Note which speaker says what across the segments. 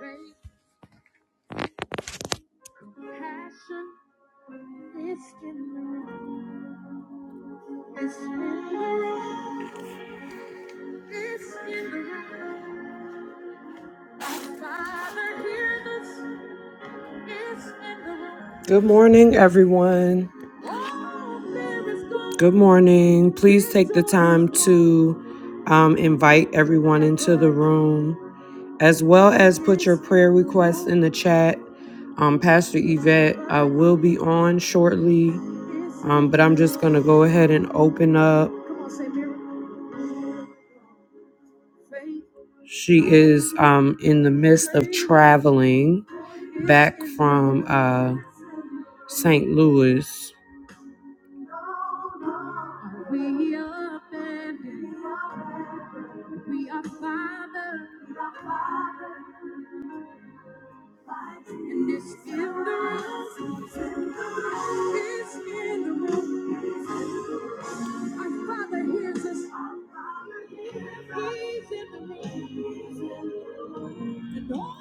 Speaker 1: Faith, passion, it's in the room. It's in the room. It's in the room. Father, hear this. It's in the room. Good morning, everyone. Oh, there is glory. Good morning. Please take the time to um, invite everyone into the room. as well as put your prayer requests in the chat. Um, Pastor Yvette, I will be on shortly, um, but I'm just going to go ahead and open up. She is um, in the midst of traveling back from uh, St. Louis. And it's in the room. It's in the room. Our Father hears us. He's in the room. And all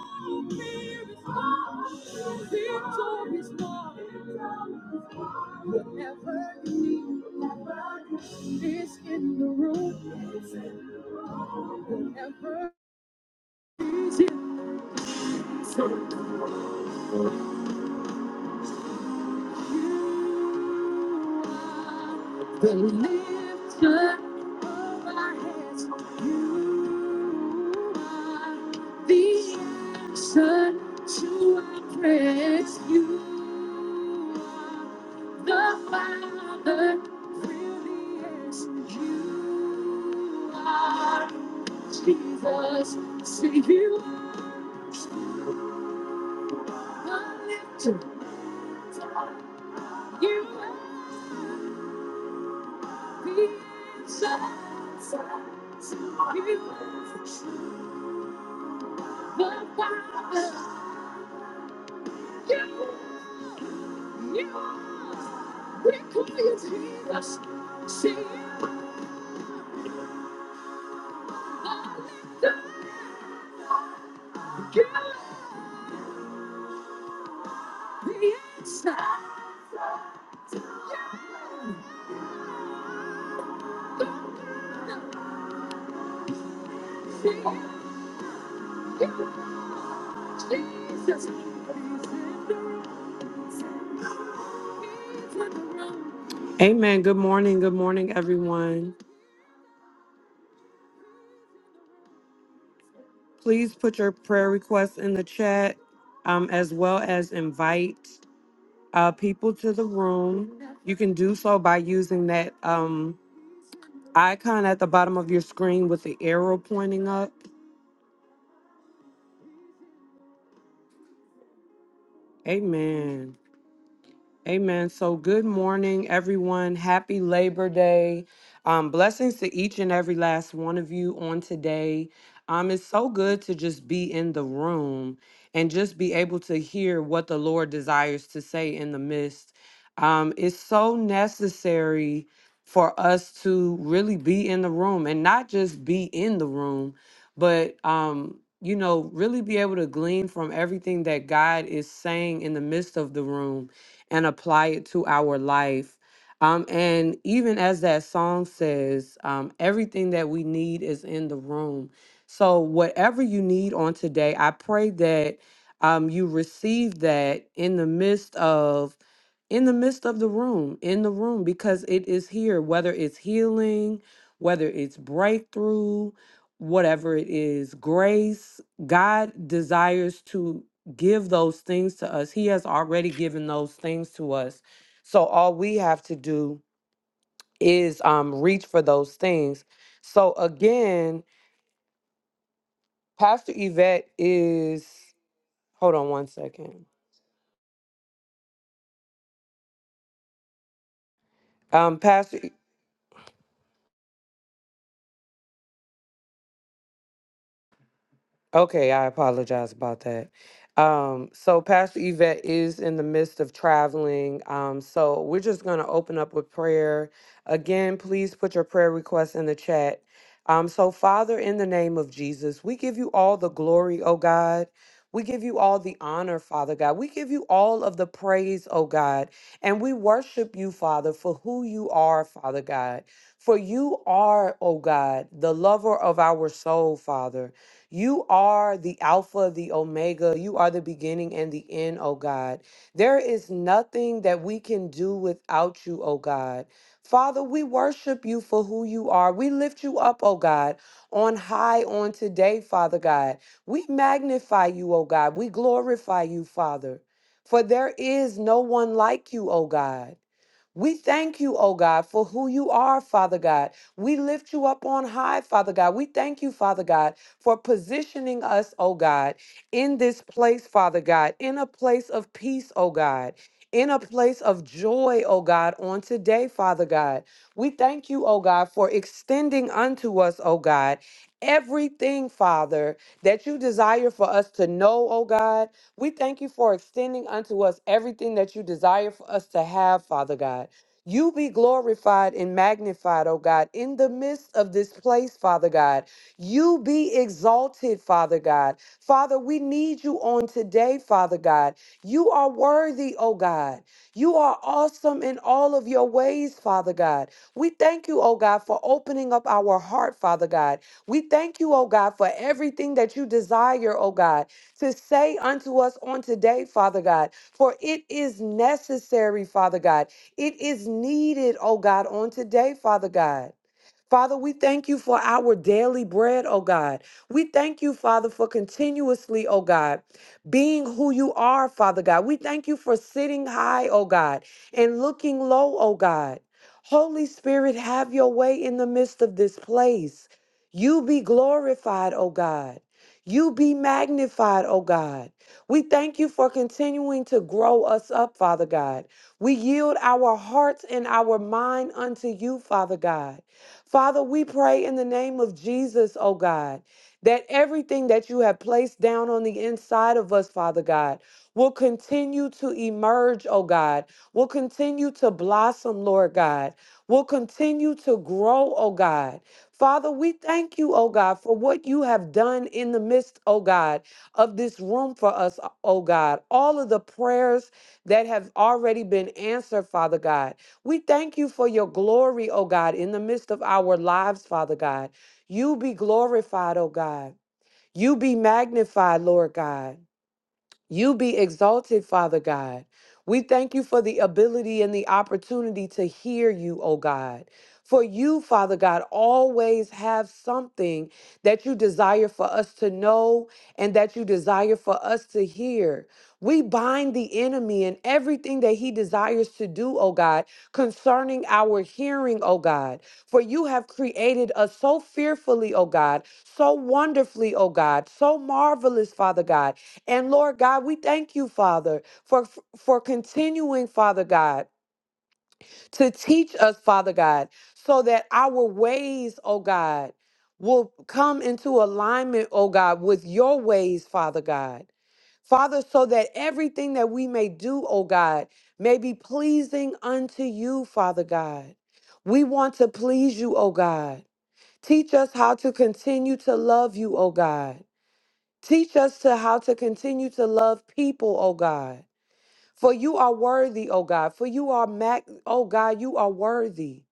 Speaker 1: fear is gone. Victory is won. Whatever you need it's in the room. Whatever is in. So The lifter of our heads, you are the answer to our prayers. You are the Father, really is. You are Jesus, Savior, the lifter. You are. Amen. Good morning. Good morning, everyone. Please put your prayer requests in the chat um, as well as invite. uh, people to the room. You can do so by using that um, icon at the bottom of your screen with the arrow pointing up. Amen. Amen. So, good morning, everyone. Happy Labor Day. Um, blessings to each and every last one of you on today. Um, it's so good to just be in the room and just be able to hear what the Lord desires to say in the midst. Um, it's so necessary for us to really be in the room and not just be in the room, but um, you know, really be able to glean from everything that God is saying in the midst of the room and apply it to our life. Um, and even as that song says, um, everything that we need is in the room. So, whatever you need on today, I pray that um, you receive that in the midst of in the midst of the room in the room because it is here whether it's healing whether it's breakthrough whatever it is grace god desires to give those things to us. He has already given those things to us. So all we have to do is um, reach for those things. So again, Pastor Yvette is, hold on one second. Um, Pastor Okay, I apologize about that. Um, so Pastor Yvette is in the midst of traveling. Um, so we're just going to open up with prayer. Again, please put your prayer requests in the chat. Um, so Father, in the name of Jesus, we give you all the glory, oh God. We give you all the honor, Father God. We give you all of the praise, oh God. And we worship you, Father, for who you are, Father God. For you are, oh God, the lover of our soul, Father. You are the Alpha, the Omega. You are the beginning and the end, oh God. There is nothing that we can do without you, oh God. Father, we worship you for who you are. We lift you up, oh God, on high on today, Father God. We magnify you, oh God. We glorify you, Father. For there is no one like you, oh God. We thank you, oh God, for who you are, Father God. We lift you up on high, Father God. We thank you, Father God, for positioning us, oh God, in this place, Father God, in a place of peace, oh God, in a place of joy, oh God, on today, Father God. We thank you, oh God, for extending unto us, oh God, everything, Father, that you desire for us to know, oh God we thank you for extending unto us everything that you desire for us to have, Father God. You be glorified and magnified, oh God, in the midst of this place, Father God. You be exalted, Father God. Father, we need you on today, Father God. You are worthy, oh God. You are awesome in all of your ways, Father God. We thank you, oh God, for opening up our heart, Father God. We thank you, oh God, for everything that you desire, oh God to say unto us on today, Father God, for it is necessary, Father God. It is needed, oh God, on today, Father God. Father, we thank you for our daily bread, oh God. We thank you, Father, for continuously, oh God, being who you are, Father God. We thank you for sitting high, oh God, and looking low, oh God. Holy Spirit, have your way in the midst of this place. You be glorified, oh God. You be magnified, oh God. We thank you for continuing to grow us up, Father God. We yield our hearts and our mind unto you, Father God. Father, we pray in the name of Jesus, oh God, that everything that you have placed down on the inside of us, Father God, will continue to emerge, oh God, will continue to blossom, Lord God, will continue to grow, oh God. Father, we thank you, oh God, for what you have done in the midst, oh God, of this room for us, oh God. All of the prayers that have already been answered, Father God. We thank you for your glory, O God, in the midst of our lives, Father God. You be glorified, O God. You be magnified, Lord God. You be exalted, Father God. We thank you for the ability and the opportunity to hear you, O God. For you, Father God, always have something that you desire for us to know and that you desire for us to hear. We bind the enemy and everything that he desires to do, O God, concerning our hearing, O God. For you have created us so fearfully, O God, so wonderfully, O God, so marvelous, Father God and Lord God, we thank you, Father, for for continuing, Father God, to teach us, Father God, so that our ways, oh God, will come into alignment, oh God, with your ways, Father God. Father, so that everything that we may do, oh God, may be pleasing unto you, Father God. We want to please you, oh God. Teach us how to continue to love you, oh God. Teach us to how to continue to love people, O God. For you are worthy, O God. For you are mag oh God, you are worthy.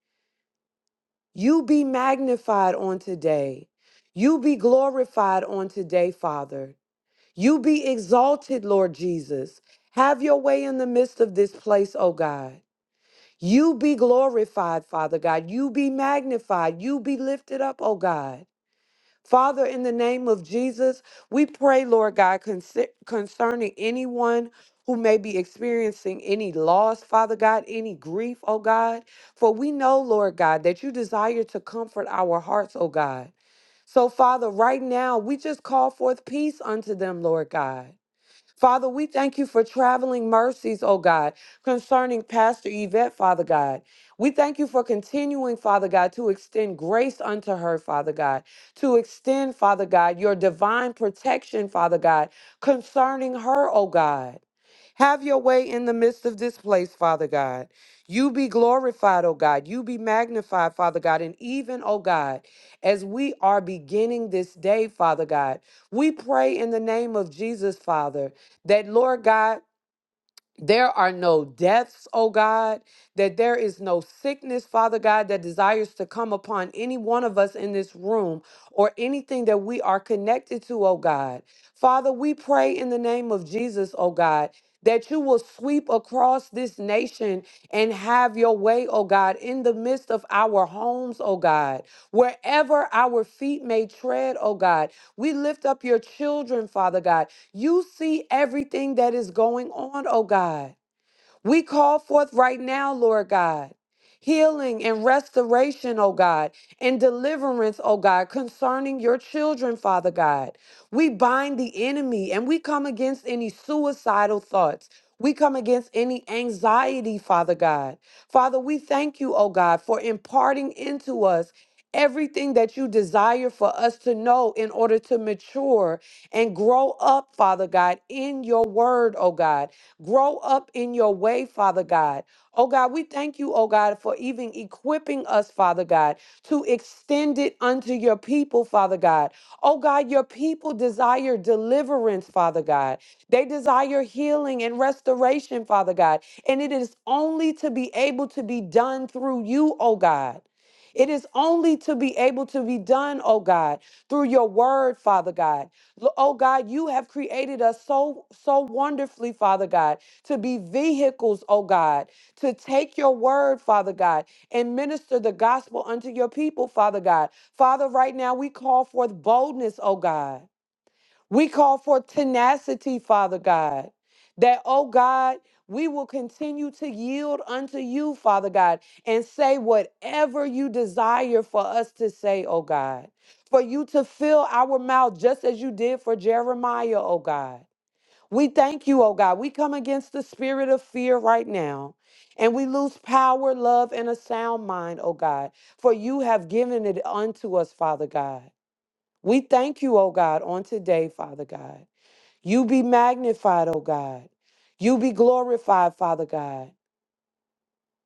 Speaker 1: You be magnified on today. You be glorified on today, Father. You be exalted, Lord Jesus. Have your way in the midst of this place, O God. You be glorified, Father God. You be magnified. You be lifted up, O God. Father, in the name of Jesus, we pray, Lord God, concer- concerning anyone who may be experiencing any loss, Father God, any grief, oh God. For we know, Lord God, that you desire to comfort our hearts, oh God. So, Father, right now, we just call forth peace unto them, Lord God. Father, we thank you for traveling mercies, oh God, concerning Pastor Yvette, Father God. We thank you for continuing, Father God, to extend grace unto her, Father God, to extend, Father God, your divine protection, Father God, concerning her, oh God. Have your way in the midst of this place, Father God. You be glorified, oh God. You be magnified, Father God. And even, oh God, as we are beginning this day, Father God, we pray in the name of Jesus, Father that, Lord God, there are no deaths, oh God, that there is no sickness, Father God, that desires to come upon any one of us in this room or anything that we are connected to, oh God. Father, we pray in the name of Jesus, oh God. That you will sweep across this nation and have your way, oh God, in the midst of our homes, oh God, wherever our feet may tread, oh God. We lift up your children, Father God. You see everything that is going on, oh God. We call forth right now, Lord God, healing and restoration, oh God, and deliverance, oh God, concerning your children, Father God. We bind the enemy and we come against any suicidal thoughts. We come against any anxiety, Father God. Father, we thank you, oh God, for imparting into us everything that you desire for us to know in order to mature and grow up, Father God, in your word, oh God grow up in your way, Father God. Oh God, we thank you, oh God, for even equipping us, Father God, to extend it unto your people, Father God. Oh God, your people desire deliverance, Father God. They desire healing and restoration, Father God. And it is only to be able to be done through you, oh God. It is only to be able to be done, oh God, through your word, Father God. Lo- Oh God, you have created us so so wonderfully, Father God, to be vehicles, oh God, to take your word, Father God, and minister the gospel unto your people, Father God. Father, right now we call forth boldness, oh God. We call for tenacity, Father God, that, oh God, we will continue to yield unto you, Father God, and say whatever you desire for us to say, oh God, for you to fill our mouth just as you did for Jeremiah, oh God. We thank you, oh God. We come against the spirit of fear right now. And we lose power, love, and a sound mind, oh God, for you have given it unto us, Father God. We thank you, oh God, on today, Father God. You be magnified, oh God. You be glorified, Father God.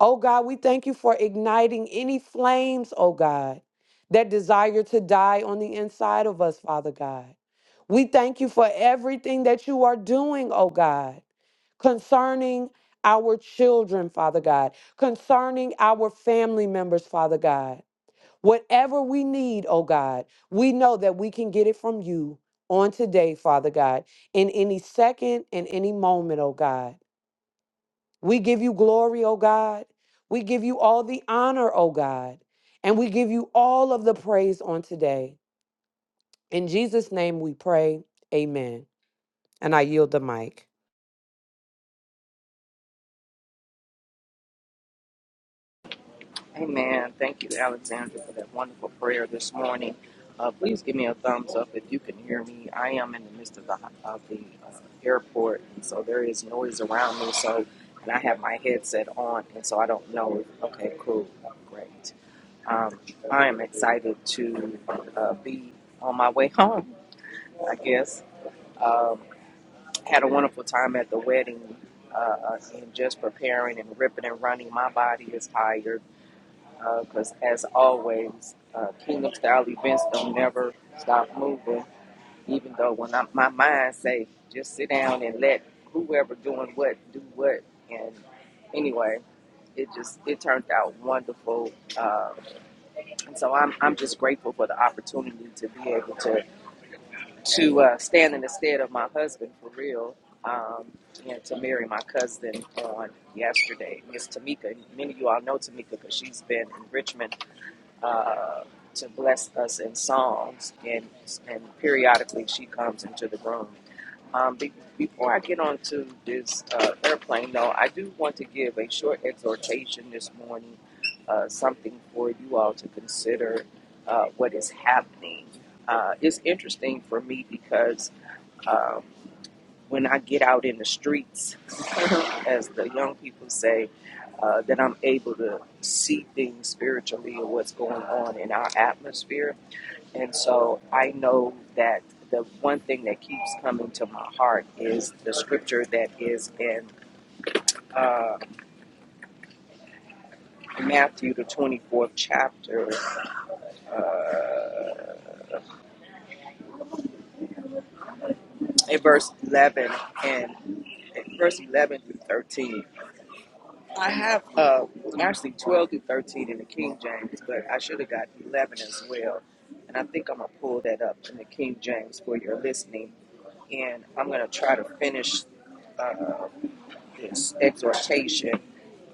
Speaker 1: Oh God, we thank you for igniting any flames, oh God, that desire to die on the inside of us, Father God. We thank you for everything that you are doing, oh God, concerning our children, Father God, concerning our family members, Father God. Whatever we need, oh God, we know that we can get it from you on today, Father God, in any second and any moment, oh God. We give you glory, oh God. We give you all the honor, oh God. And we give you all of the praise on today. In Jesus' name we pray. Amen. And I yield the mic.
Speaker 2: Amen. Thank you, Alexandra, for that wonderful prayer this morning. Uh, please give me a thumbs up if you can hear me. I am in the midst of the of the uh, airport, and so there is noise around me. So, and I have my headset on, and so I don't know. If, okay, cool, great. Um, I am excited to uh, be on my way home. I guess um, had a wonderful time at the wedding. Uh, uh, and just preparing and ripping and running. My body is tired because uh, as always, uh, Kingdom Style events don't never stop moving. Even though when I, my mind say just sit down and let whoever doing what do what, and anyway, it just it turned out wonderful. Uh, and so I'm I'm just grateful for the opportunity to be able to to uh, stand in the stead of my husband for real. Um, and to marry my cousin on yesterday, Miss Tamika. Many of you all know Tamika because she's been in Richmond uh, to bless us in songs, and and periodically she comes into the room. Um, be, before I get on to this uh, airplane, though, I do want to give a short exhortation this morning, uh, something for you all to consider uh, what is happening. Uh, it's interesting for me because um, when I get out in the streets, as the young people say, uh, that I'm able to see things spiritually and what's going on in our atmosphere. And so I know that the one thing that keeps coming to my heart is the scripture that is in uh, Matthew, the 24th chapter, uh, in verse 11 and in verse 11 through 13 I have uh, actually 12 through 13 in the King James, but I should have got 11 as well. And I think I'm going to pull that up in the King James for your listening. And I'm going to try to finish uh, this exhortation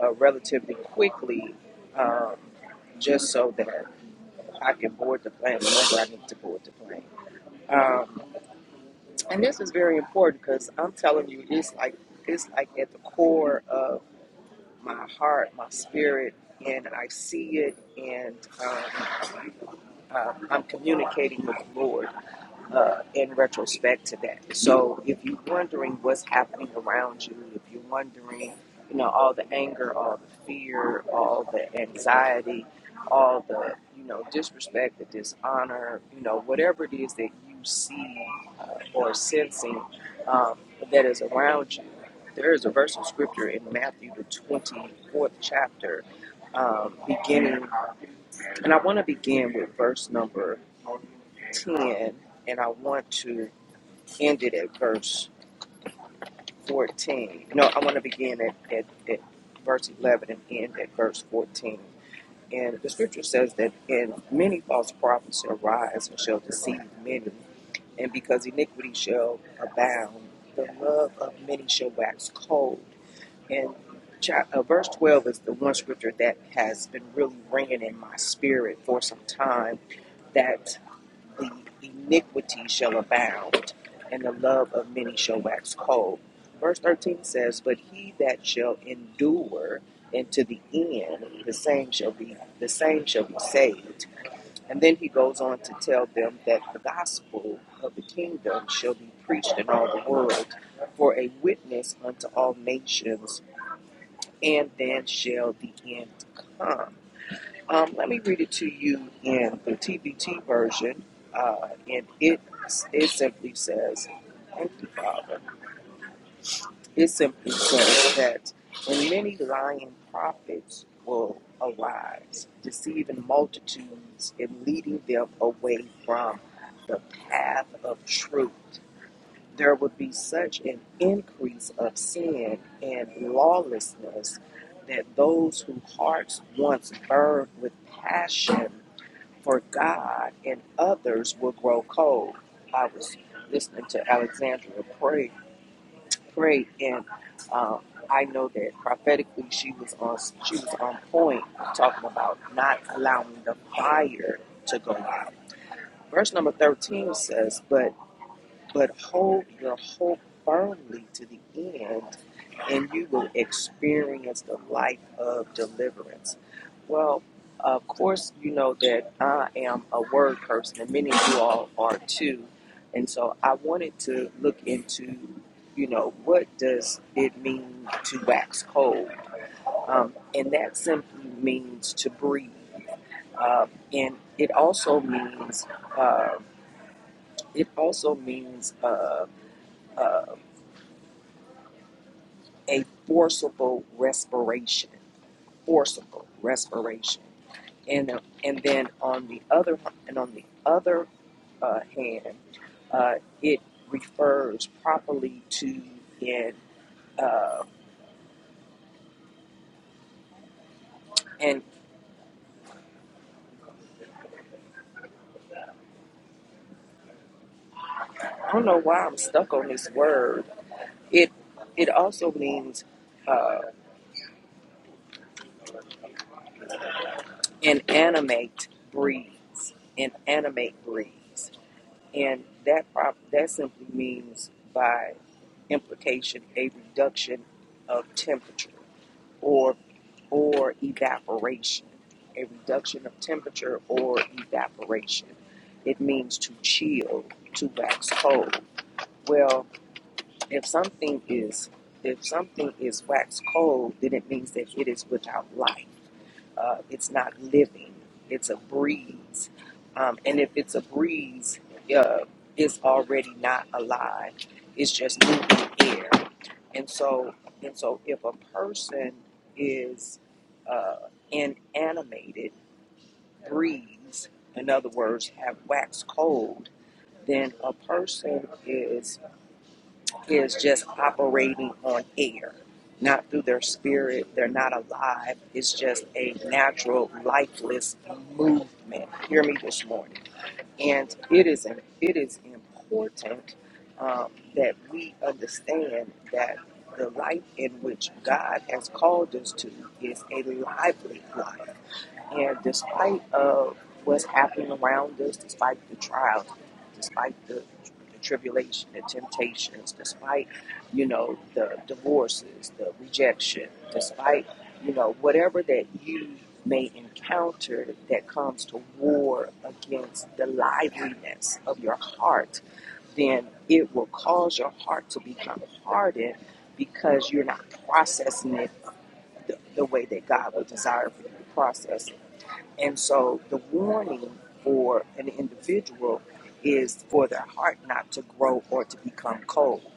Speaker 2: uh, relatively quickly, um, just so that I can board the plane whenever I need to board the plane. Um, and this is very important because I'm telling you, it's like it's like at the core of my heart, my spirit, and I see it, and um, uh, I'm communicating with the Lord uh, in retrospect to that. So if you're wondering what's happening around you, if you're wondering, you know, all the anger, all the fear, all the anxiety, all the, you know, disrespect, the dishonor, you know, whatever it is that you see uh, or sensing um, that is around you, there is a verse of scripture in Matthew, the 24th chapter, um, beginning, and I want to begin with verse number 10, and I want to ended at verse 14. No, I want to begin at, at, at verse 11 and end at verse 14. And the scripture says that, and many false prophets shall rise and shall deceive many, and because iniquity shall abound, the love of many shall wax cold. And cha- uh, verse 12 is the one scripture that has been really ringing in my spirit for some time that the iniquity shall abound, and the love of many shall wax cold. Verse 13 says, But he that shall endure into the end, the same shall be the same shall be saved. And then he goes on to tell them that the gospel of the kingdom shall be preached in all the world for a witness unto all nations and then shall the end come. Um, let me read it to you in the TBT version, uh, and it it simply says, "Thank you, Father." It simply says that, when many lying prophets will arise, deceiving multitudes and leading them away from the path of truth there would be such an increase of sin and lawlessness that those whose hearts once burned with passion for God and others will grow cold. I was listening to Alexandra pray, pray, and um, I know that prophetically she was on she was on point talking about not allowing the fire to go out. Verse number thirteen says, "But." but hold your hope firmly to the end, and you will experience the life of deliverance. Well, of course, you know that I am a word person, and many of you all are too. And so I wanted to look into, you know, what does it mean to wax cold? Um, and that simply means to breathe. Uh, and it also means, uh, it also means, uh, uh, a forcible respiration, forcible respiration, and uh, and then on the other and on the other uh, hand, uh, it refers properly to in uh, and I don't know why I'm stuck on this word. It it also means uh, inanimate breeze, inanimate breeze. And that prob- that simply means by implication a reduction of temperature or or evaporation. A reduction of temperature or evaporation. It means to chill, to wax cold. Well, if something is if something is wax cold, then it means that it is without life. Uh, it's not living. It's a breeze. Um, and if it's a breeze, uh, it's already not alive. It's just moving air. And so, and so, if a person is uh, inanimated, breeze, in other words, have waxed cold, then a person is is just operating on air, not through their spirit. They're not alive. It's just a natural, lifeless movement. Hear me this morning. And it is it is important um, that we understand that the life in which God has called us to is a lively life. And despite of what's happening around us, despite the trials, despite the, the tribulation, the temptations, despite, you know, the divorces, the rejection, despite, you know, whatever that you may encounter that comes to war against the liveliness of your heart, then it will cause your heart to become hardened because you're not processing it the, the way that God would desire for you to process and so the warning for an individual is for their heart not to grow or to become cold.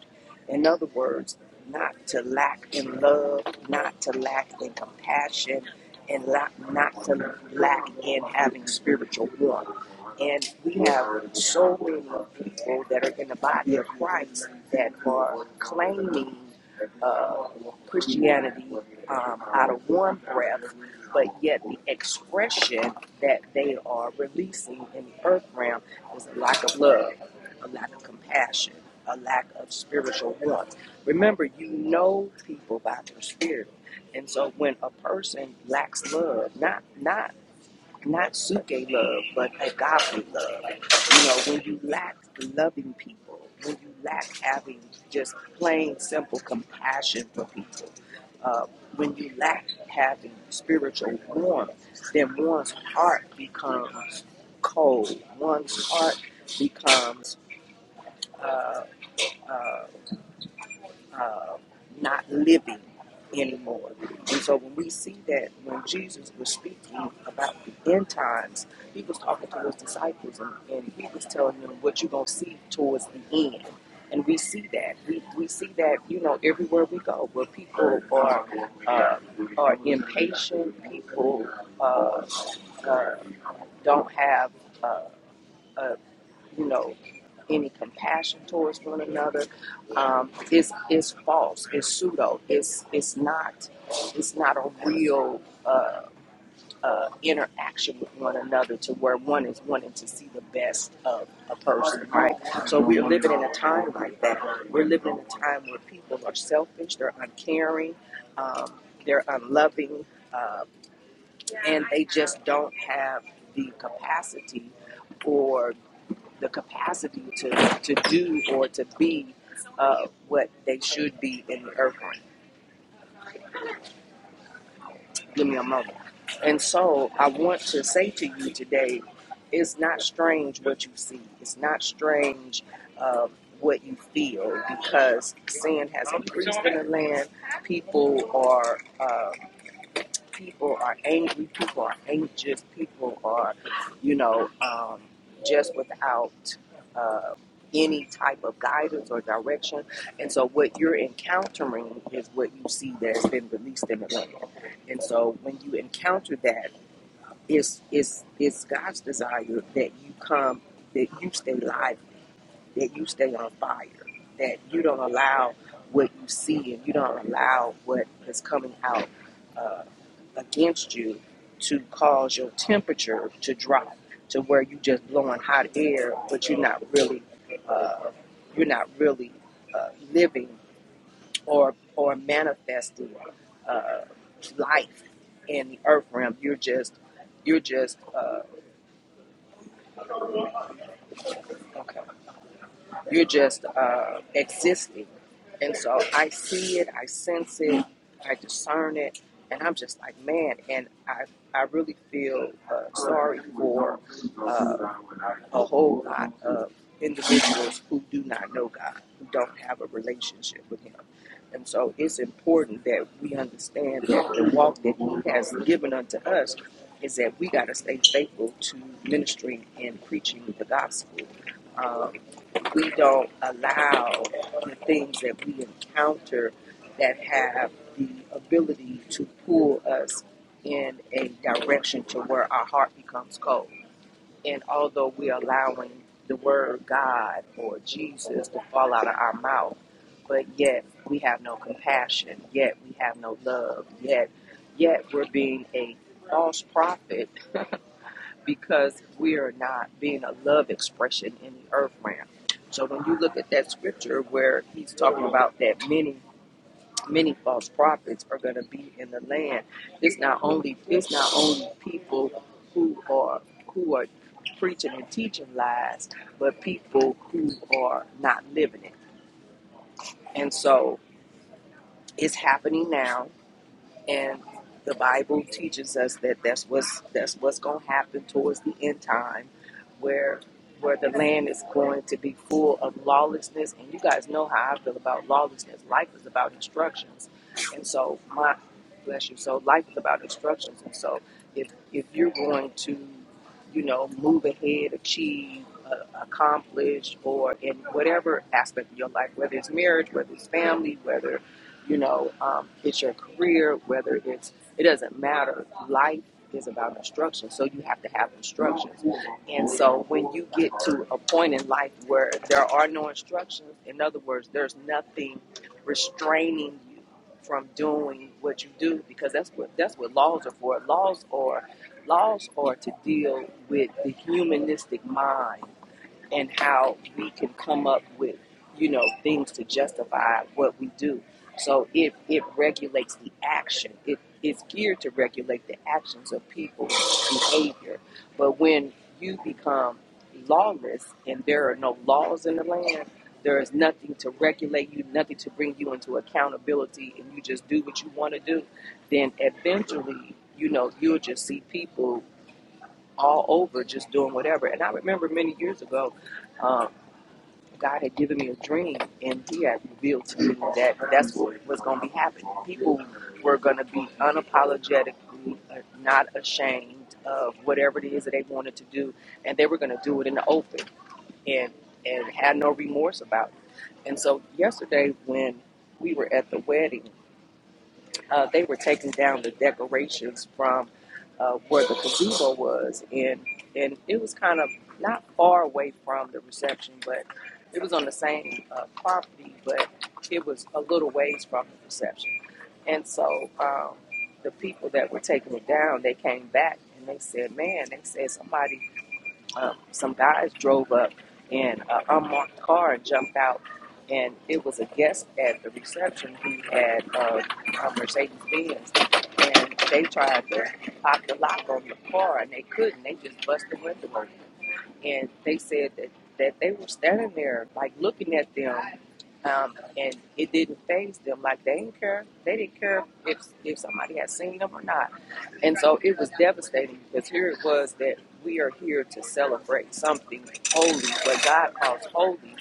Speaker 2: In other words, not to lack in love, not to lack in compassion, and la- not to lack in having spiritual warmth. And we have so many people that are in the body of Christ that are claiming uh, Christianity um, out of one breath, but yet the expression that they are releasing in the earth realm is a lack of love, a lack of compassion, a lack of spiritual warmth. Remember, you know people by their spirit, and so when a person lacks love, not not not suke love, but agape love. You know, when you lack loving people, when you lack having just plain simple compassion for people, uh, when you lack having spiritual warmth, then one's heart becomes cold. One's heart becomes. uh, uh, uh, not living anymore. And so when we see that when Jesus was speaking about the end times, he was talking to his disciples and, and he was telling them what you're going to see towards the end. And we see that. We, we see that, you know, everywhere we go, where people are, uh, are impatient, people uh, uh, don't have. Uh, a, you know, any compassion towards one another um, is is false. It's pseudo. It's it's not it's not a real uh, uh, interaction with one another to where one is wanting to see the best of a person, right? So we're living in a time like that. We're living in a time where people are selfish. They're uncaring. Um, they're unloving, uh, and they just don't have the capacity or the capacity to, to do or to be uh, what they should be in the earth realm. Give me a moment. And so I want to say to you today, it's not strange what you see. It's not strange uh, what you feel because sin has increased in the land. People are. uh, people are angry, people are anxious, people are, you know, um, just without uh, any type of guidance or direction. And so, what you're encountering is what you see that's been released in the land. And so, when you encounter that, it's it's it's God's desire that you come, that you stay live that you stay on fire, that you don't allow what you see and you don't allow what is coming out uh, against you to cause your temperature to drop to where you just blowing hot air, but you're not really, uh, you're not really uh, living or or manifesting uh, life in the earth realm. You're just, you're just uh, okay. You're just uh, existing. And so I see it, I sense it, I discern it, and I'm just like, man. And I, I really feel uh, sorry for. uh, a whole lot of individuals who do not know God, who don't have a relationship with Him. And so it's important that we understand that the walk that He has given unto us is that we got to stay faithful to ministering and preaching the gospel. Um, we don't allow the things that we encounter that have the ability to pull us in a direction to where our heart becomes cold. And although we're allowing the word God or Jesus to fall out of our mouth, but yet we have no compassion, yet we have no love, yet yet we're being a false prophet because we are not being a love expression in the earth realm. So when you look at that scripture where he's talking about that many many false prophets are going to be in the land. It's not only it's not only people who are who are preaching and teaching lies, but people who are not living it. And so it's happening now and the Bible teaches us that that's what's that's what's going to happen towards the end time, where where the land is going to be full of lawlessness. And you guys know how I feel about lawlessness. Life is about instructions, and so my bless you. So life is about instructions, and so if if you're going to, you know, move ahead, achieve. Uh, accomplish or in whatever aspect of your life, whether it's marriage, whether it's family, whether you know, um, it's your career, whether it's, it doesn't matter. Life is about instruction, so you have to have instructions. And so when you get to a point in life where there are no instructions, in other words, there's nothing restraining you from doing what you do because that's what that's what laws are for. Laws are laws are to deal with the humanistic mind and how we can come up with you know things to justify what we do so it it regulates the action it it's geared to regulate the actions of people's behavior but when you become lawless and there are no laws in the land there is nothing to regulate you nothing to bring you into accountability and you just do what you want to do then eventually you know you'll just see people all over just doing whatever. And I remember many years ago, um, God had given me a dream, and He had revealed to me that that's what was going to be happening. People were going to be unapologetically uh, not ashamed of whatever it is that they wanted to do, and they were going to do it in the open and and had no remorse about it. And so yesterday, when we were at the wedding uh, they were taking down the decorations from uh, where the gazebo was, and and it was kind of not far away from the reception, but it was on the same uh, property, but it was a little ways from the reception. And so um, the people that were taking it down, they came back and they said, "Man, they said somebody." um, some guys drove up in an unmarked car and jumped out. And it was a guest at the reception who had uh, a Mercedes Benz. And they tried to pop the lock on the car and they couldn't. They just busted the window open and they said that, that they were standing there like looking at them um, and it didn't faze them like they didn't care they didn't care if, if somebody had seen them or not and so it was devastating because here it was that we are here to celebrate something holy what god calls holy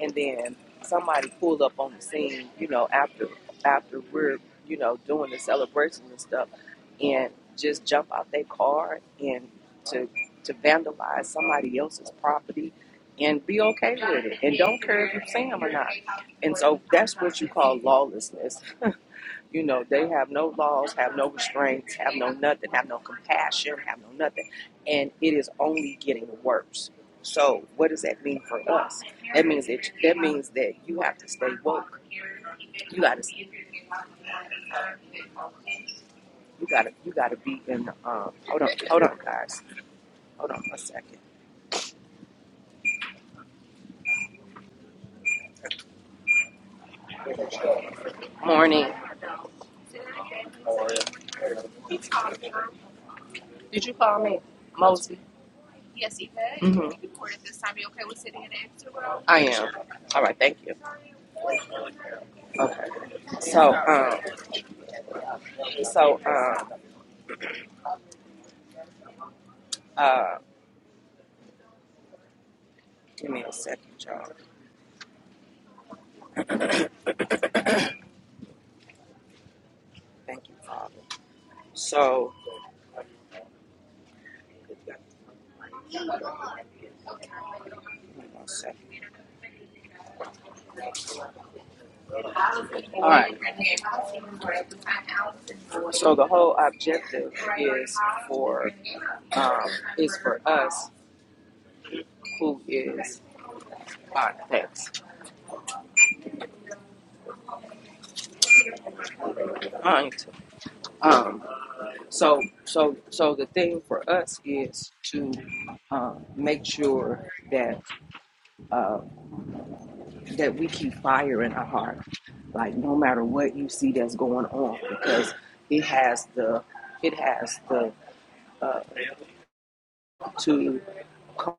Speaker 2: and then somebody pulled up on the scene you know after after we're you know doing the celebrations and stuff and just jump out their car and to to vandalize somebody else's property and be okay with it and don't care if you see them or not. And so that's what you call lawlessness. You know, they have no laws, have no restraints, have no nothing, have no compassion, have no nothing. And it is only getting worse. So what does that mean for us? That means that that means that you have to stay woke. You gotta you gotta you gotta be in the um hold on hold on guys. Hold on a second. Morning. Did you call me? Mosey. Yes, Yvette, it's hmm being recorded this time. You okay with sitting in the extra row? I am. All right, thank you. Okay. So, um, so, um, uh, give me a second, y'all. Thank you, Father. So, give me one second. All right. So the whole objective is for, um, is for us who is our thanks. Mind. Um, so, so, so the thing for us is to um, make sure that uh, that we keep fire in our heart, like no matter what you see that's going on, because it has the it has the uh, to cause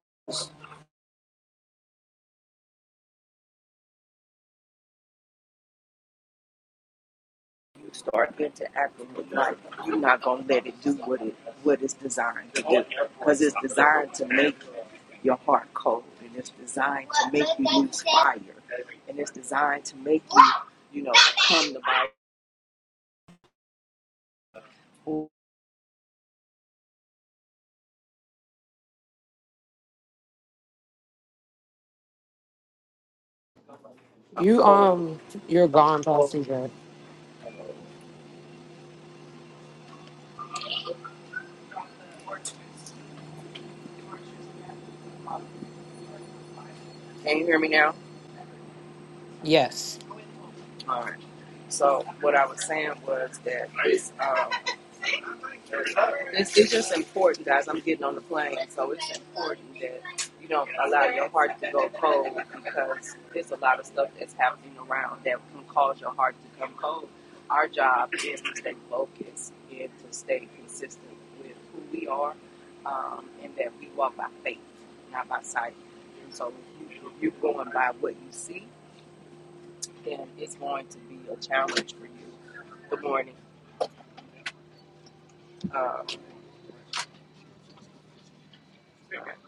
Speaker 2: you to start interacting with life. You're not gonna let it do what it what it's designed to do, because it's designed to make your heart cold, and it's designed to make you lose fire, and it's designed to make you you know come to Bible. I'm
Speaker 1: You
Speaker 2: cold.
Speaker 1: um you're gone, Pastor. Yvette.
Speaker 2: Can you hear me now?
Speaker 1: Yes.
Speaker 2: All right. So what I was saying was that it's, um, it's it's just important, guys. I'm getting on the plane, so it's important that you don't allow your heart to go cold because there's a lot of stuff that's happening around that can cause your heart to come cold. Our job is to stay focused and to stay consistent with who we are, um, and that we walk by faith, not by sight. And so if you, you're going by what you see then it's going to be a challenge for you. Good morning. Um,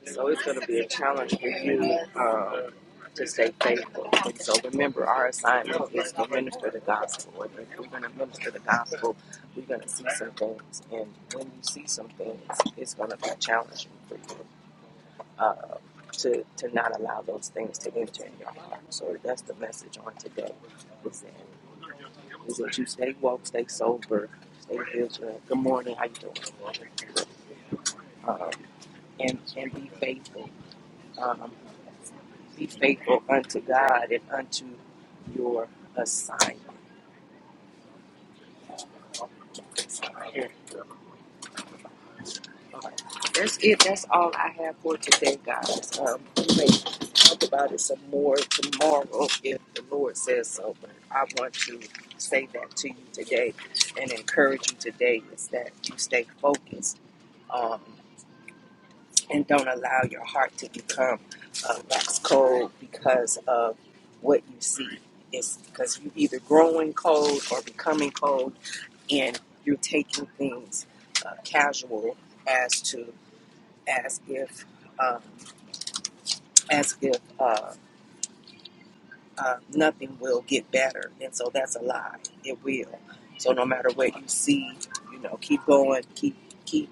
Speaker 2: so it's going to be a challenge for you um, to stay faithful. And so remember, our assignment is to minister the gospel. And if we're going to minister the gospel, we're going to see some things. And when you see some things, it's going to be challenging for you uh, to, to not allow those things to enter in your heart. So that's the message on today. Is that is that you stay woke, stay sober, stay vigilant. Good morning. How you doing? Um, and and be faithful. Um, be faithful unto God and unto your assignment. Here. Okay. That's it. That's all I have for today, guys. Um, we may talk about it some more tomorrow if the Lord says so. But I want to say that to you today and encourage you today is that you stay focused. on and don't allow your heart to become uh, wax cold because of what you see. It's because you're either growing cold or becoming cold, and you're taking things uh, casual as to as if um, as if uh, uh, nothing will get better, and so that's a lie. It will. So no matter what you see, you know, keep going, keep keep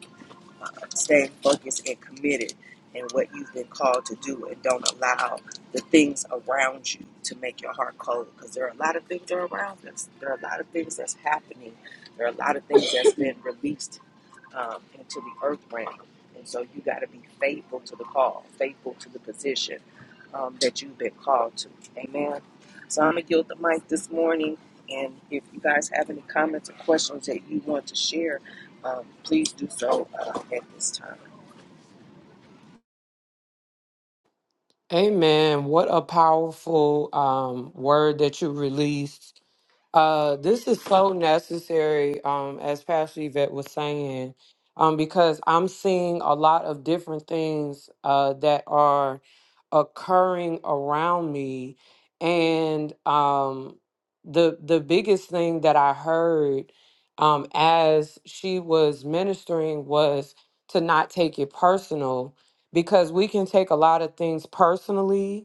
Speaker 2: uh, staying focused and committed in what you've been called to do and don't allow the things around you to make your heart cold because there are a lot of things that are around us there are a lot of things that's happening there are a lot of things that's been released um, into the earth realm and so you got to be faithful to the call faithful to the position um, that you've been called to amen so i'm gonna yield the mic this morning and if you guys have any comments or questions that you want to share um, please do so uh, at this time.
Speaker 1: Amen. What a powerful um word that you released Uh, this is so necessary, um, as Pastor Yvette was saying, um, because I'm seeing a lot of different things uh, that are occurring around me, and um, the the biggest thing that I heard um, as she was ministering was to not take it personal, because we can take a lot of things personally,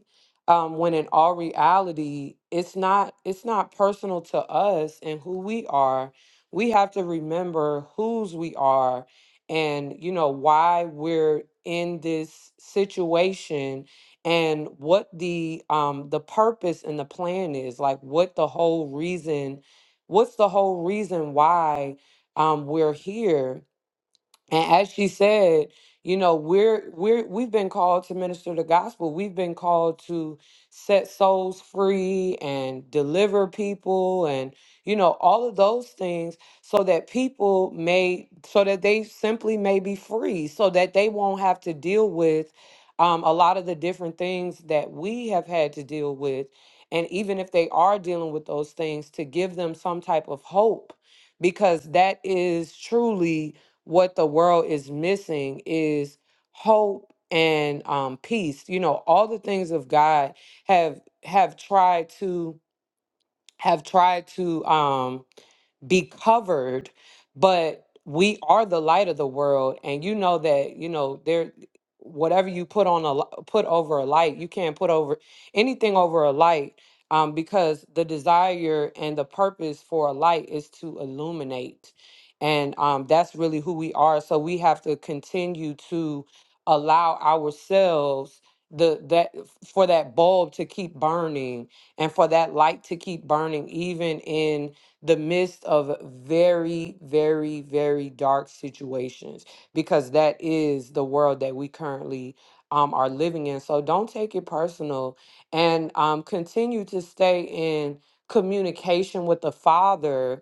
Speaker 1: um, when in all reality it's not it's not personal to us and who we are we have to remember whose we are and you know why we're in this situation and what the um the purpose and the plan is like what the whole reason what's the whole reason why um we're here and as she said, you know, we're we're we've been called to minister the gospel. We've been called to set souls free and deliver people and you know, all of those things so that people may so that they simply may be free, so that they won't have to deal with um, a lot of the different things that we have had to deal with. And even if they are dealing with those things, to give them some type of hope, because that is truly what the world is missing is hope and um, peace. You know, all the things of God have have tried to have tried to um, be covered, but we are the light of the world, and you know that you know there. Whatever you put on a li- put over a light, you can't put over anything over a light, um, because the desire and the purpose for a light is to illuminate, and um, that's really who we are. So we have to continue to allow ourselves the that for that bulb to keep burning and for that light to keep burning, even in the midst of very, very, very dark situations, because that is the world that we currently um, are living in. So don't take it personal and um, continue to stay in communication with the Father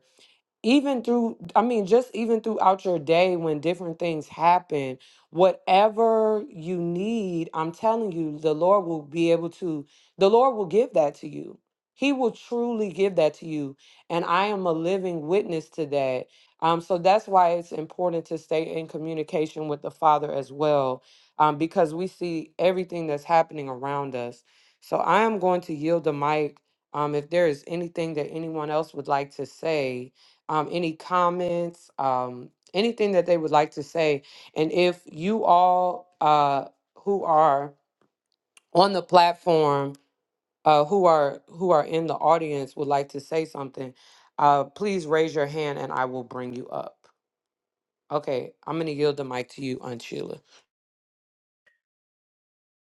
Speaker 1: even through i mean just even throughout your day when different things happen whatever you need i'm telling you the lord will be able to the lord will give that to you he will truly give that to you and i am a living witness to that um, so that's why it's important to stay in communication with the father as well um, because we see everything that's happening around us so i am going to yield the mic um, if there is anything that anyone else would like to say um, any comments, um, anything that they would like to say. And if you all uh, who are on the platform, uh, who are who are in the audience, would like to say something, uh, please raise your hand and I will bring you up. Okay, I'm gonna yield the mic to you, Aunt Sheila.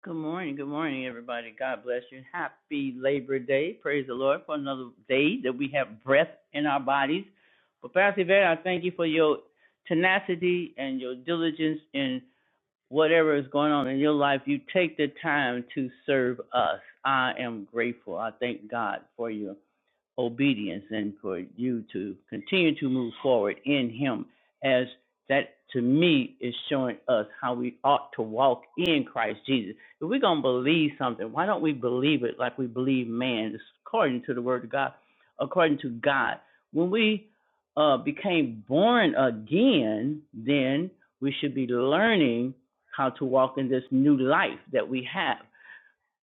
Speaker 3: Good morning. Good morning, everybody. God bless you. Happy Labor Day. Praise the Lord for another day that we have breath in our bodies. But Pastor Yvette, I thank you for your tenacity and your diligence in whatever is going on in your life. You take the time to serve us. I am grateful. I thank God for you obedience and for you to continue to move forward in Him as that to me is showing us how we ought to walk in Christ Jesus. If we're going to believe something, why don't we believe it like we believe man? It's according to the Word of God, according to God. When we uh, became born again, then we should be learning how to walk in this new life that we have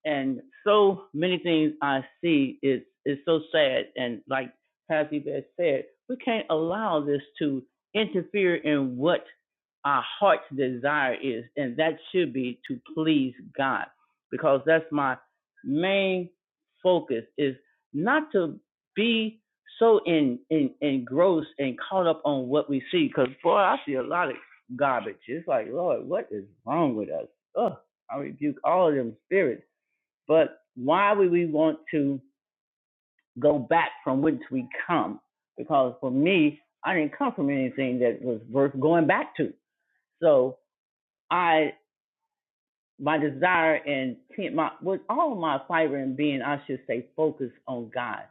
Speaker 3: and so many things I see is is so sad. And like Pastor Yvette said, we can't allow this to interfere in what our heart's desire is, and that should be to please God, because that's my main focus is not to be so in, in engrossed and caught up on what we see. Because boy, I see a lot of garbage. It's like, Lord, what is wrong with us? Ugh, I rebuke all of them spirits but why would we want to go back from which we come? Because for me, I didn't come from anything that was worth going back to. So I my desire and my with all my fiber and being, I should say, focus on God.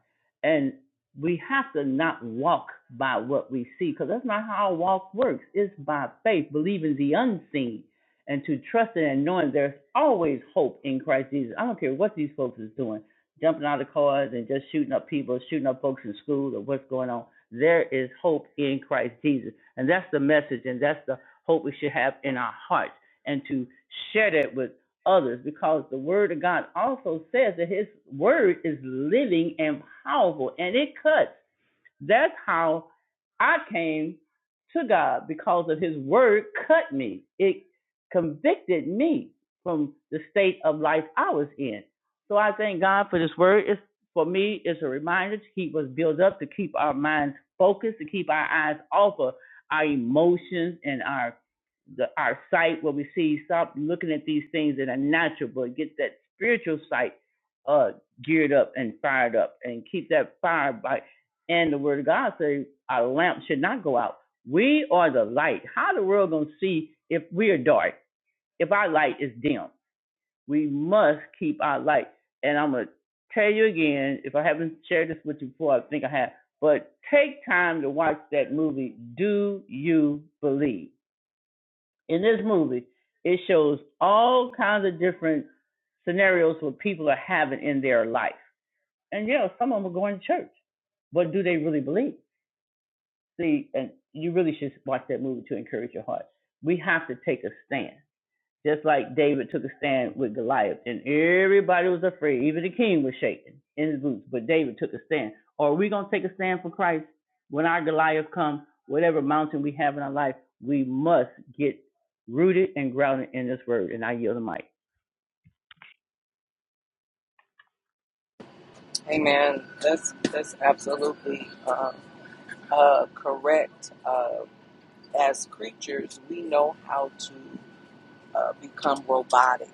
Speaker 3: And we have to not walk by what we see, because that's not how our walk works. It's by faith, believing the unseen, and to trust trusting and knowing there's always hope in Christ Jesus. I don't care what these folks is doing, jumping out of cars and just shooting up people, shooting up folks in school, or what's going on. There is hope in Christ Jesus, and that's the message, and that's the hope we should have in our hearts and to share that with others because the word of God also says that his word is living and powerful and it cuts that's how I came to God because of his word cut me. It convicted me from the state of life I was in. So I thank God for this word. It's, for me, it's a reminder to keep us built up, to keep our minds focused, to keep our eyes off of our emotions and our the, our sight where we see stop looking at these things that are natural, but get that spiritual sight uh, geared up and fired up, and keep that fire by and the word of God says our lamp should not go out. We are the light. How the world gonna see if we are dark? If our light is dim, we must keep our light. And I'm gonna tell you again, if I haven't shared this with you before, I think I have. But take time to watch that movie. Do you believe? In this movie, it shows all kinds of different scenarios what people are having in their life. And yeah, some of them are going to church, but do they really believe? See, and you really should watch that movie to encourage your heart. We have to take a stand, just like David took a stand with Goliath, and everybody was afraid. Even the king was shaking in his boots, but David took a stand. Are we going to take a stand for Christ when our Goliath comes? Whatever mountain we have in our life, we must get rooted and grounded in this word. And I yield the mic.
Speaker 2: Amen. That's that's absolutely um, uh, correct. Uh, as creatures, we know how to. uh, become robotic,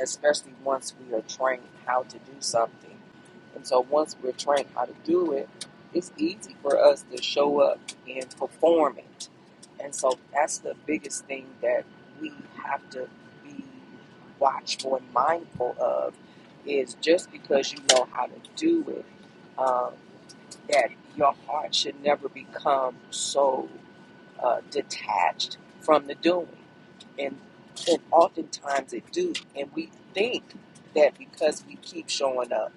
Speaker 2: especially once we are trained how to do something. And so once we're trained how to do it, it's easy for us to show up and perform it. And so that's the biggest thing that we have to be watchful and mindful of is just because you know how to do it, um, that your heart should never become so uh, detached from the doing. And, and oftentimes it do. And we think that because we keep showing up,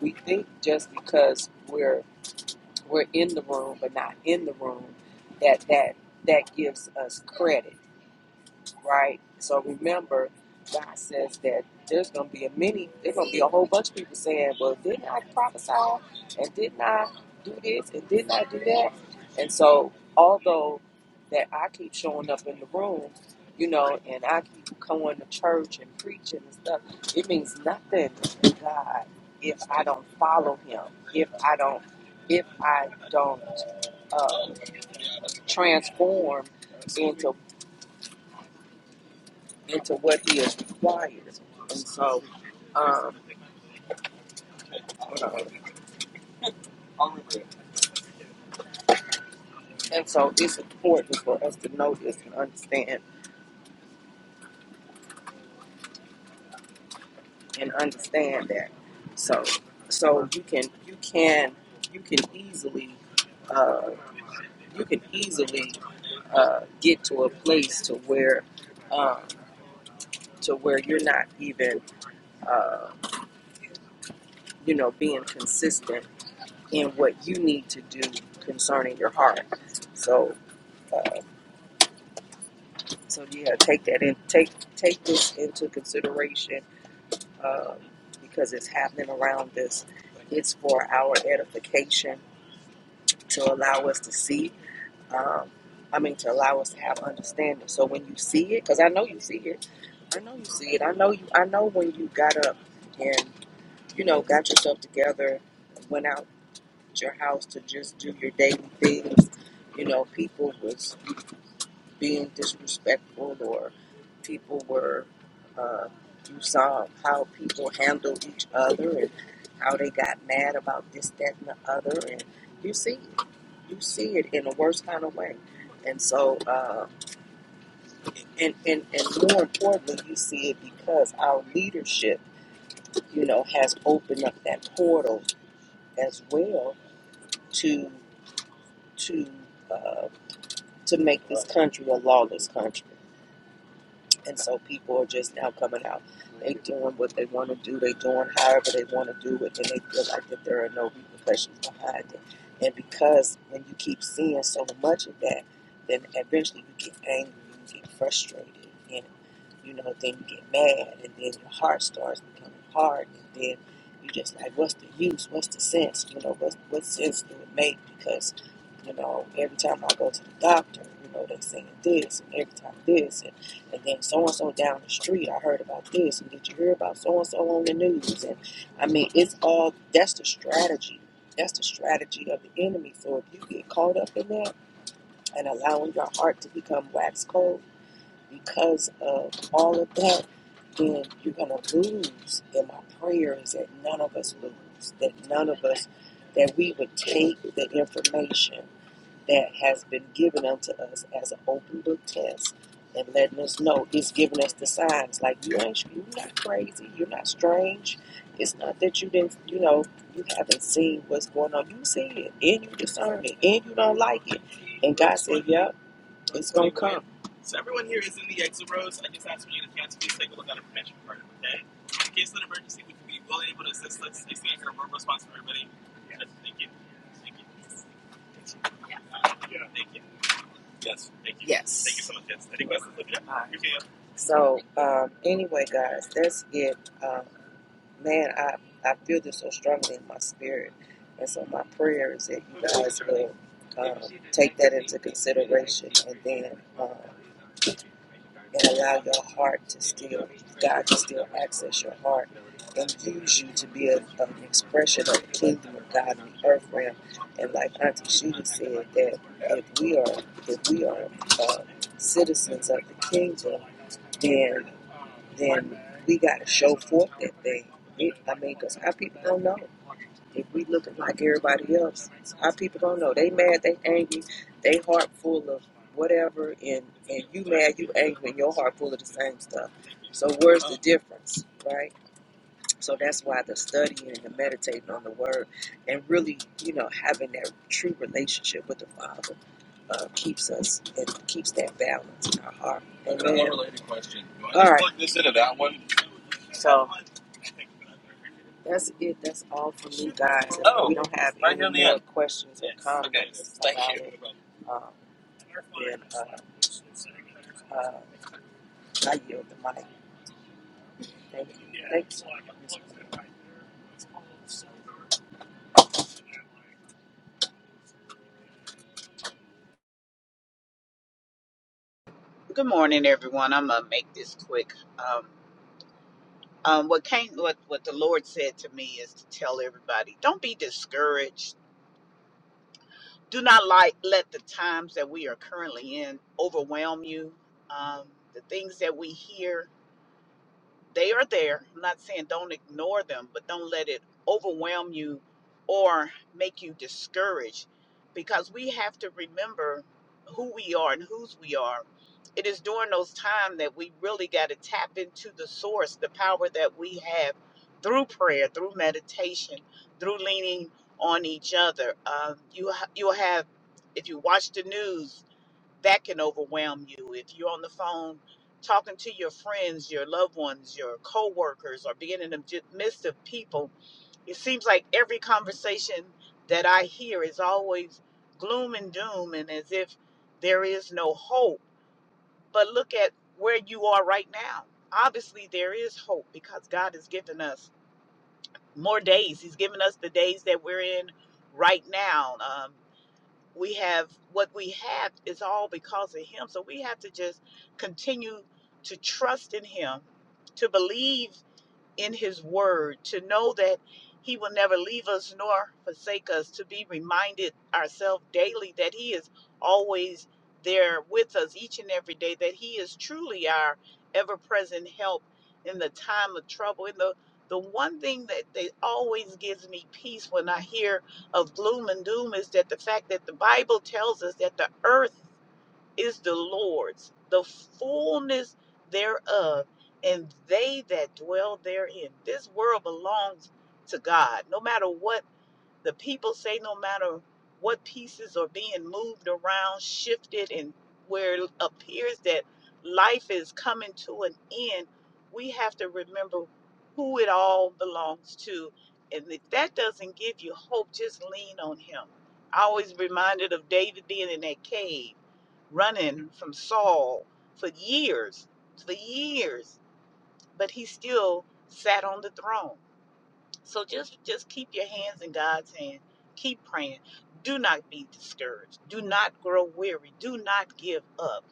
Speaker 2: we think just because we're we're in the room but not in the room that that that gives us credit right? So remember, God says that there's going to be a many, there's going to be a whole bunch of people saying, well, didn't I prophesy? And didn't I do this? And didn't I do that? And so, although that I keep showing up in the room, you know, and I keep going to church and preaching and stuff, it means nothing to God if I don't follow Him, if I don't, if I don't uh, transform into into what he is required. And so, um, and so it's important for us to know this and understand and understand that. So, so you can you can you can easily uh, you can easily uh, get to a place to where um, to where you're not even uh, you know being consistent in what you need to do concerning your heart. So. Uh, So yeah, take that in. Take take this into consideration um, because it's happening around us. It's for our edification to allow us to see. Um, I mean, to allow us to have understanding. So when you see it, because I know you see it, I know you see it. I know you. I know when you got up and you know got yourself together, went out your house to just do your daily things. You know, people was being disrespectful or people were uh, you saw how people handled each other and how they got mad about this that and the other and you see you see it in the worst kind of way and so uh, and, and and more importantly you see it because our leadership you know has opened up that portal as well to to uh, to make this country a lawless country And so people are just now coming out. They doing what they want to do. They doing however they want to do it, and they feel like that there are no repercussions behind it. And because when you keep seeing so much of that, then eventually you get angry, you get frustrated, and you know then you get mad, and then your heart starts becoming hard, and then you just like, what's the use? What's the sense? You know, what what sense do it make? Because you know, every time I go to the doctor, you know, they saying this, and every time this, and and then so and so down the street, I heard about this, and did you hear about so and so on the news? And I mean, it's all that's the strategy. That's the strategy of the enemy. So if you get caught up in that and allowing your heart to become wax cold because of all of that, then you're gonna lose. And my prayer is that none of us lose, that none of us, that we would take the information that has been given unto us as an open book test and letting us know it's giving us the signs like you ain't you're not crazy you're not strange it's not that you didn't you know you haven't seen what's going on you see it and you discern it and you don't like it and god said yep it's gonna come yes thank you yes thank you so much. Yes. Any questions? so um anyway guys that's it um man, I, I feel this so strongly in my spirit. And so my prayer is that you guys will um, take that into consideration and then um, and allow your heart to still, God to still access your heart and use you to be a, an expression of the kingdom of God in the earth realm. And like Auntie Sheila said, that if we are if we are uh, citizens of the kingdom, then then we got to show forth that thing. It, I mean, because our people don't know. If we looking like everybody else, our people don't know. They mad, they angry, they heart full of whatever, and, and you mad, you angry, and your heart full of the same stuff. So where's the difference, right? So that's why the studying and the meditating on the word and really, you know, having that true relationship with the Father uh, keeps us and keeps that balance in our heart. I got A Amen. related question. I All just right. plug this into that one. So that's it. That's all from me, guys. If we don't have any more questions or comments about it, um, then uh, uh, I yield the mic. Thank you. Yeah. Thank you.
Speaker 4: Good morning, everyone. I'm gonna make this quick. Um, um, what came, what what the Lord said to me is to tell everybody: don't be discouraged. Do not like let the times that we are currently in overwhelm you. Um, the things that we hear. they are there. I'm not saying don't ignore them, but don't let it overwhelm you or make you discouraged because we have to remember who we are and whose we are. It is during those times that we really got to tap into the source, the power that we have through prayer, through meditation, through leaning on each other. Um, you you have if you watch the news that can overwhelm you. If you're on the phone talking to your friends, your loved ones, your coworkers, or being in the ju- midst of people, it seems like every conversation that I hear is always gloom and doom and as if there is no hope. But look at where you are right now. Obviously, there is hope because God has given us more days. He's given us the days that we're in right now. Um, we have what we have is all because of him so we have to just continue to trust in him to believe in his word, to know that he will never leave us nor forsake us, to be reminded ourselves daily that he is always there with us each and every day, that he is truly our ever present help in the time of trouble. And the the one thing that, that always gives me peace when I hear of gloom and doom is that the fact that the Bible tells us that the earth is the Lord's, the fullness thereof, and they that dwell therein. This world belongs to God. No matter what the people say, no matter what pieces are being moved around, shifted, and where it appears that life is coming to an end, we have to remember who it all belongs to. And if that doesn't give you hope, just lean on Him. I always reminded of David being in that cave running from Saul for years, for years, but he still sat on the throne. So just just keep your hands in God's hand. Keep praying. Do not be discouraged. Do not grow weary. Do not give up.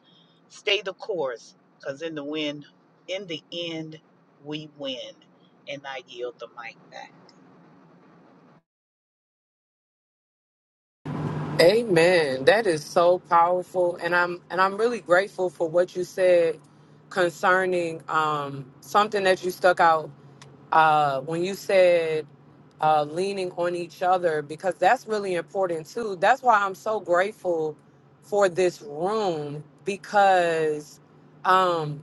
Speaker 4: Stay the course, because in the win, in the end, we win. And I yield the mic back.
Speaker 1: Amen. That is so powerful, and I'm and I'm really grateful for what you said concerning um, something that you stuck out. uh, when you said uh, leaning on each other, because that's really important too. That's why I'm so grateful for this room because um,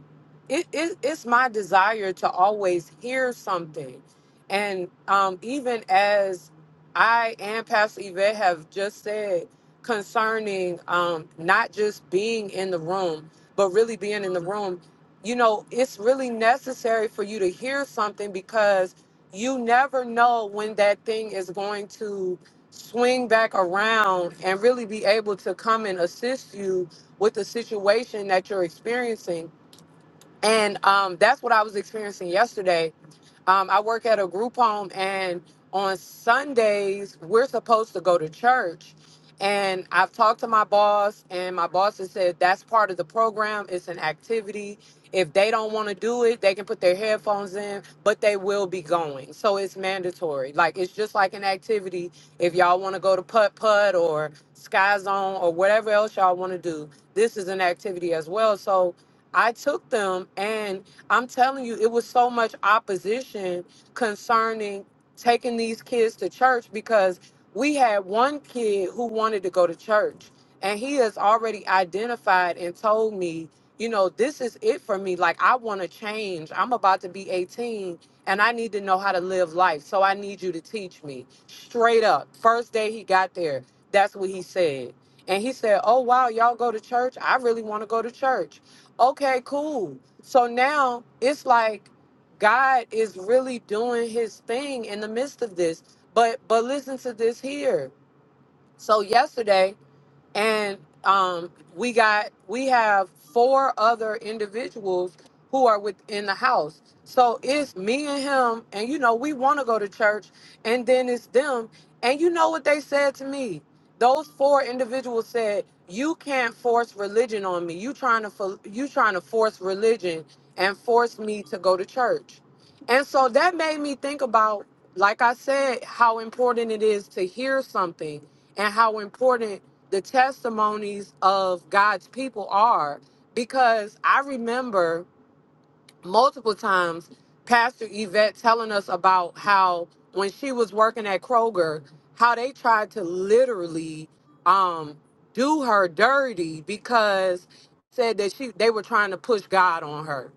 Speaker 1: it, it, it's my desire to always hear something. And um, even as I and Pastor Yvette have just said concerning um, not just being in the room, but really being in the room, you know, it's really necessary for you to hear something because you never know when that thing is going to swing back around and really be able to come and assist you with the situation that you're experiencing. And um, that's what I was experiencing yesterday. Um, I work at a group home, and on Sundays, we're supposed to go to church. And I've talked to my boss, and my boss has said that's part of the program. It's an activity. If they don't want to do it, they can put their headphones in, but they will be going. So it's mandatory. Like it's just like an activity. If y'all want to go to putt putt or sky zone or whatever else y'all want to do, this is an activity as well. So I took them, and I'm telling you, it was so much opposition concerning taking these kids to church because we had one kid who wanted to go to church, and he has already identified and told me, you know, this is it for me. Like, I want to change. I'm about to be 18, and I need to know how to live life. So I need you to teach me straight up. First day he got there, that's what he said. And he said, Oh, wow, y'all go to church? I really want to go to church. Okay, cool. So now it's like God is really doing his thing in the midst of this. But but listen to this here. So yesterday and um, we got we have four other individuals who are within the house so it's me and him and you know we want to go to church and then it's them and you know what they said to me those four individuals said you can't force religion on me you trying to fo- you trying to force religion and force me to go to church and so that made me think about like i said how important it is to hear something and how important the testimonies of God's people are because I remember multiple times Pastor Yvette telling us about how when she was working at Kroger, how they tried to literally um, do her dirty because said that she they were trying to push God on her,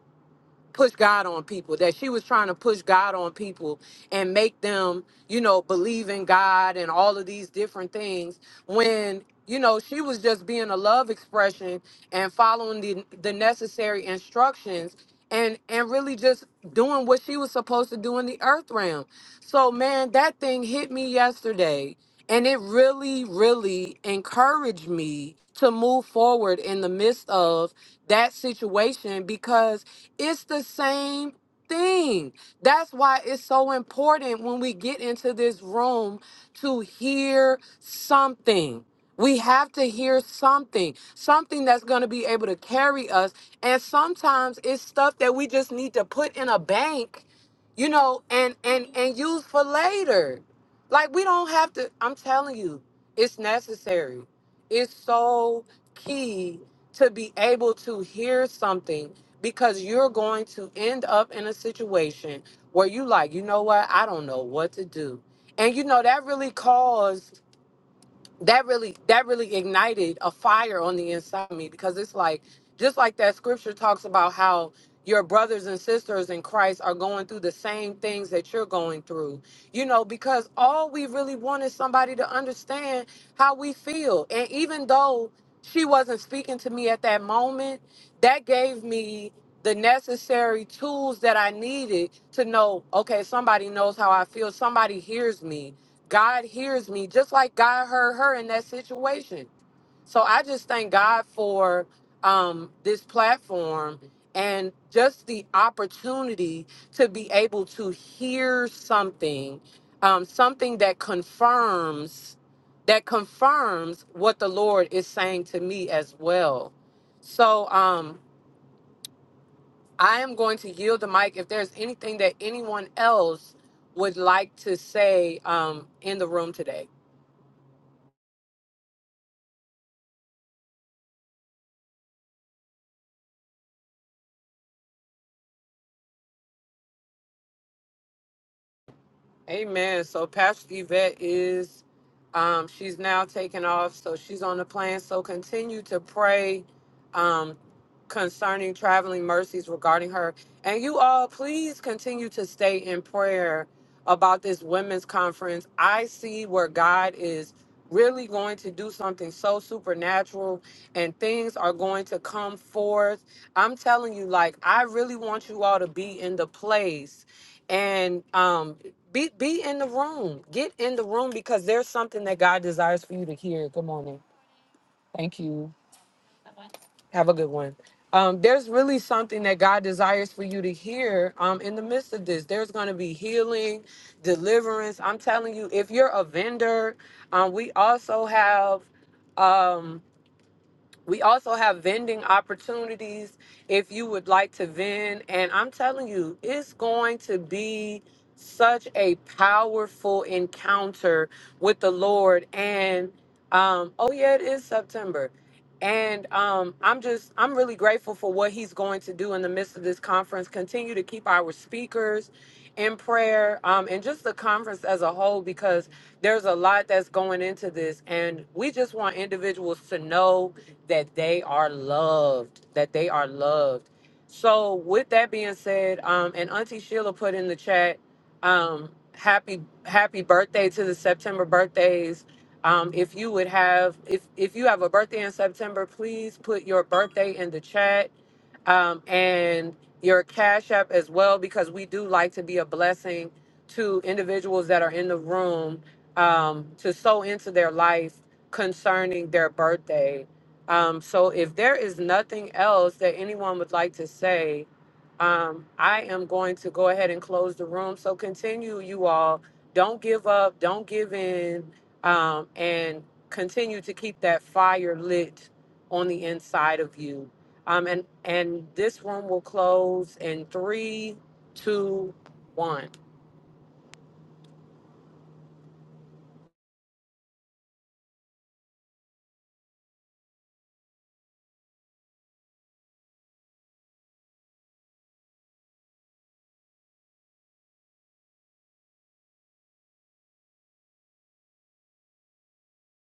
Speaker 1: push God on people, that she was trying to push God on people and make them, you know, believe in God and all of these different things when you know she was just being a love expression and following the the necessary instructions and and really just doing what she was supposed to do in the earth realm. So man, that thing hit me yesterday and it really really encouraged me to move forward in the midst of that situation because it's the same thing. That's why it's so important when we get into this room to hear something. We have to hear something, something that's going to be able to carry us. And sometimes it's stuff that we just need to put in a bank, you know, and and and use for later. Like we don't have to I'm telling you, it's necessary. It's so key to be able to hear something because you're going to end up in a situation where you like, you know what? I don't know what to do. And you know, that really caused that really that really ignited a fire on the inside of me because it's like just like that scripture talks about how your brothers and sisters in Christ are going through the same things that you're going through. You know, because all we really want is somebody to understand how we feel. And even though she wasn't speaking to me at that moment, that gave me the necessary tools that I needed to know, okay, somebody knows how I feel, somebody hears me God hears me just like God heard her in that situation. So I just thank God for um, this platform and just the opportunity to be able to hear something, um, something that confirms that confirms what the Lord is saying to me as well. So um, I am going to yield the mic. If there's anything that anyone else would like to say um, in the room today. Amen. So Pastor Yvette is, um, she's now taken off, so she's on the plan. So continue to pray um, concerning traveling mercies regarding her. And you all, please continue to stay in prayer about this women's conference. I see where God is really going to do something so supernatural and things are going to come forth. I'm telling you, like, I really want you all to be in the place and um be be in the room. Get in the room because there's something that God desires for you to hear. Good morning. Thank you. Have a good one. Um, there's really something that God desires for you to hear um, in the midst of this. There's going to be healing, deliverance. I'm telling you, if you're a vendor, um, we also have. Um, we also have vending opportunities if you would like to vend. And I'm telling you, it's going to be such a powerful encounter with the Lord. And um, oh, yeah, it is September. And um, I'm just, I'm really grateful for what he's going to do in the midst of this conference. Continue to keep our speakers in prayer um, and just the conference as a whole, because there's a lot that's going into this. And we just want individuals to know that they are loved, that they are loved. So with that being said, um, and Auntie Sheila put in the chat, um, happy happy birthday to the September birthdays. Um, if you would have if if you have a birthday in September, please put your birthday in the chat um, and your cash app as well because we do like to be a blessing to individuals that are in the room um, to sow into their life concerning their birthday. Um, so if there is nothing else that anyone would like to say, um, I am going to go ahead and close the room. So continue, you all. Don't give up. Don't give in. Um, and continue to keep that fire lit on the inside of you. Um, and and this room will close in three, two, one.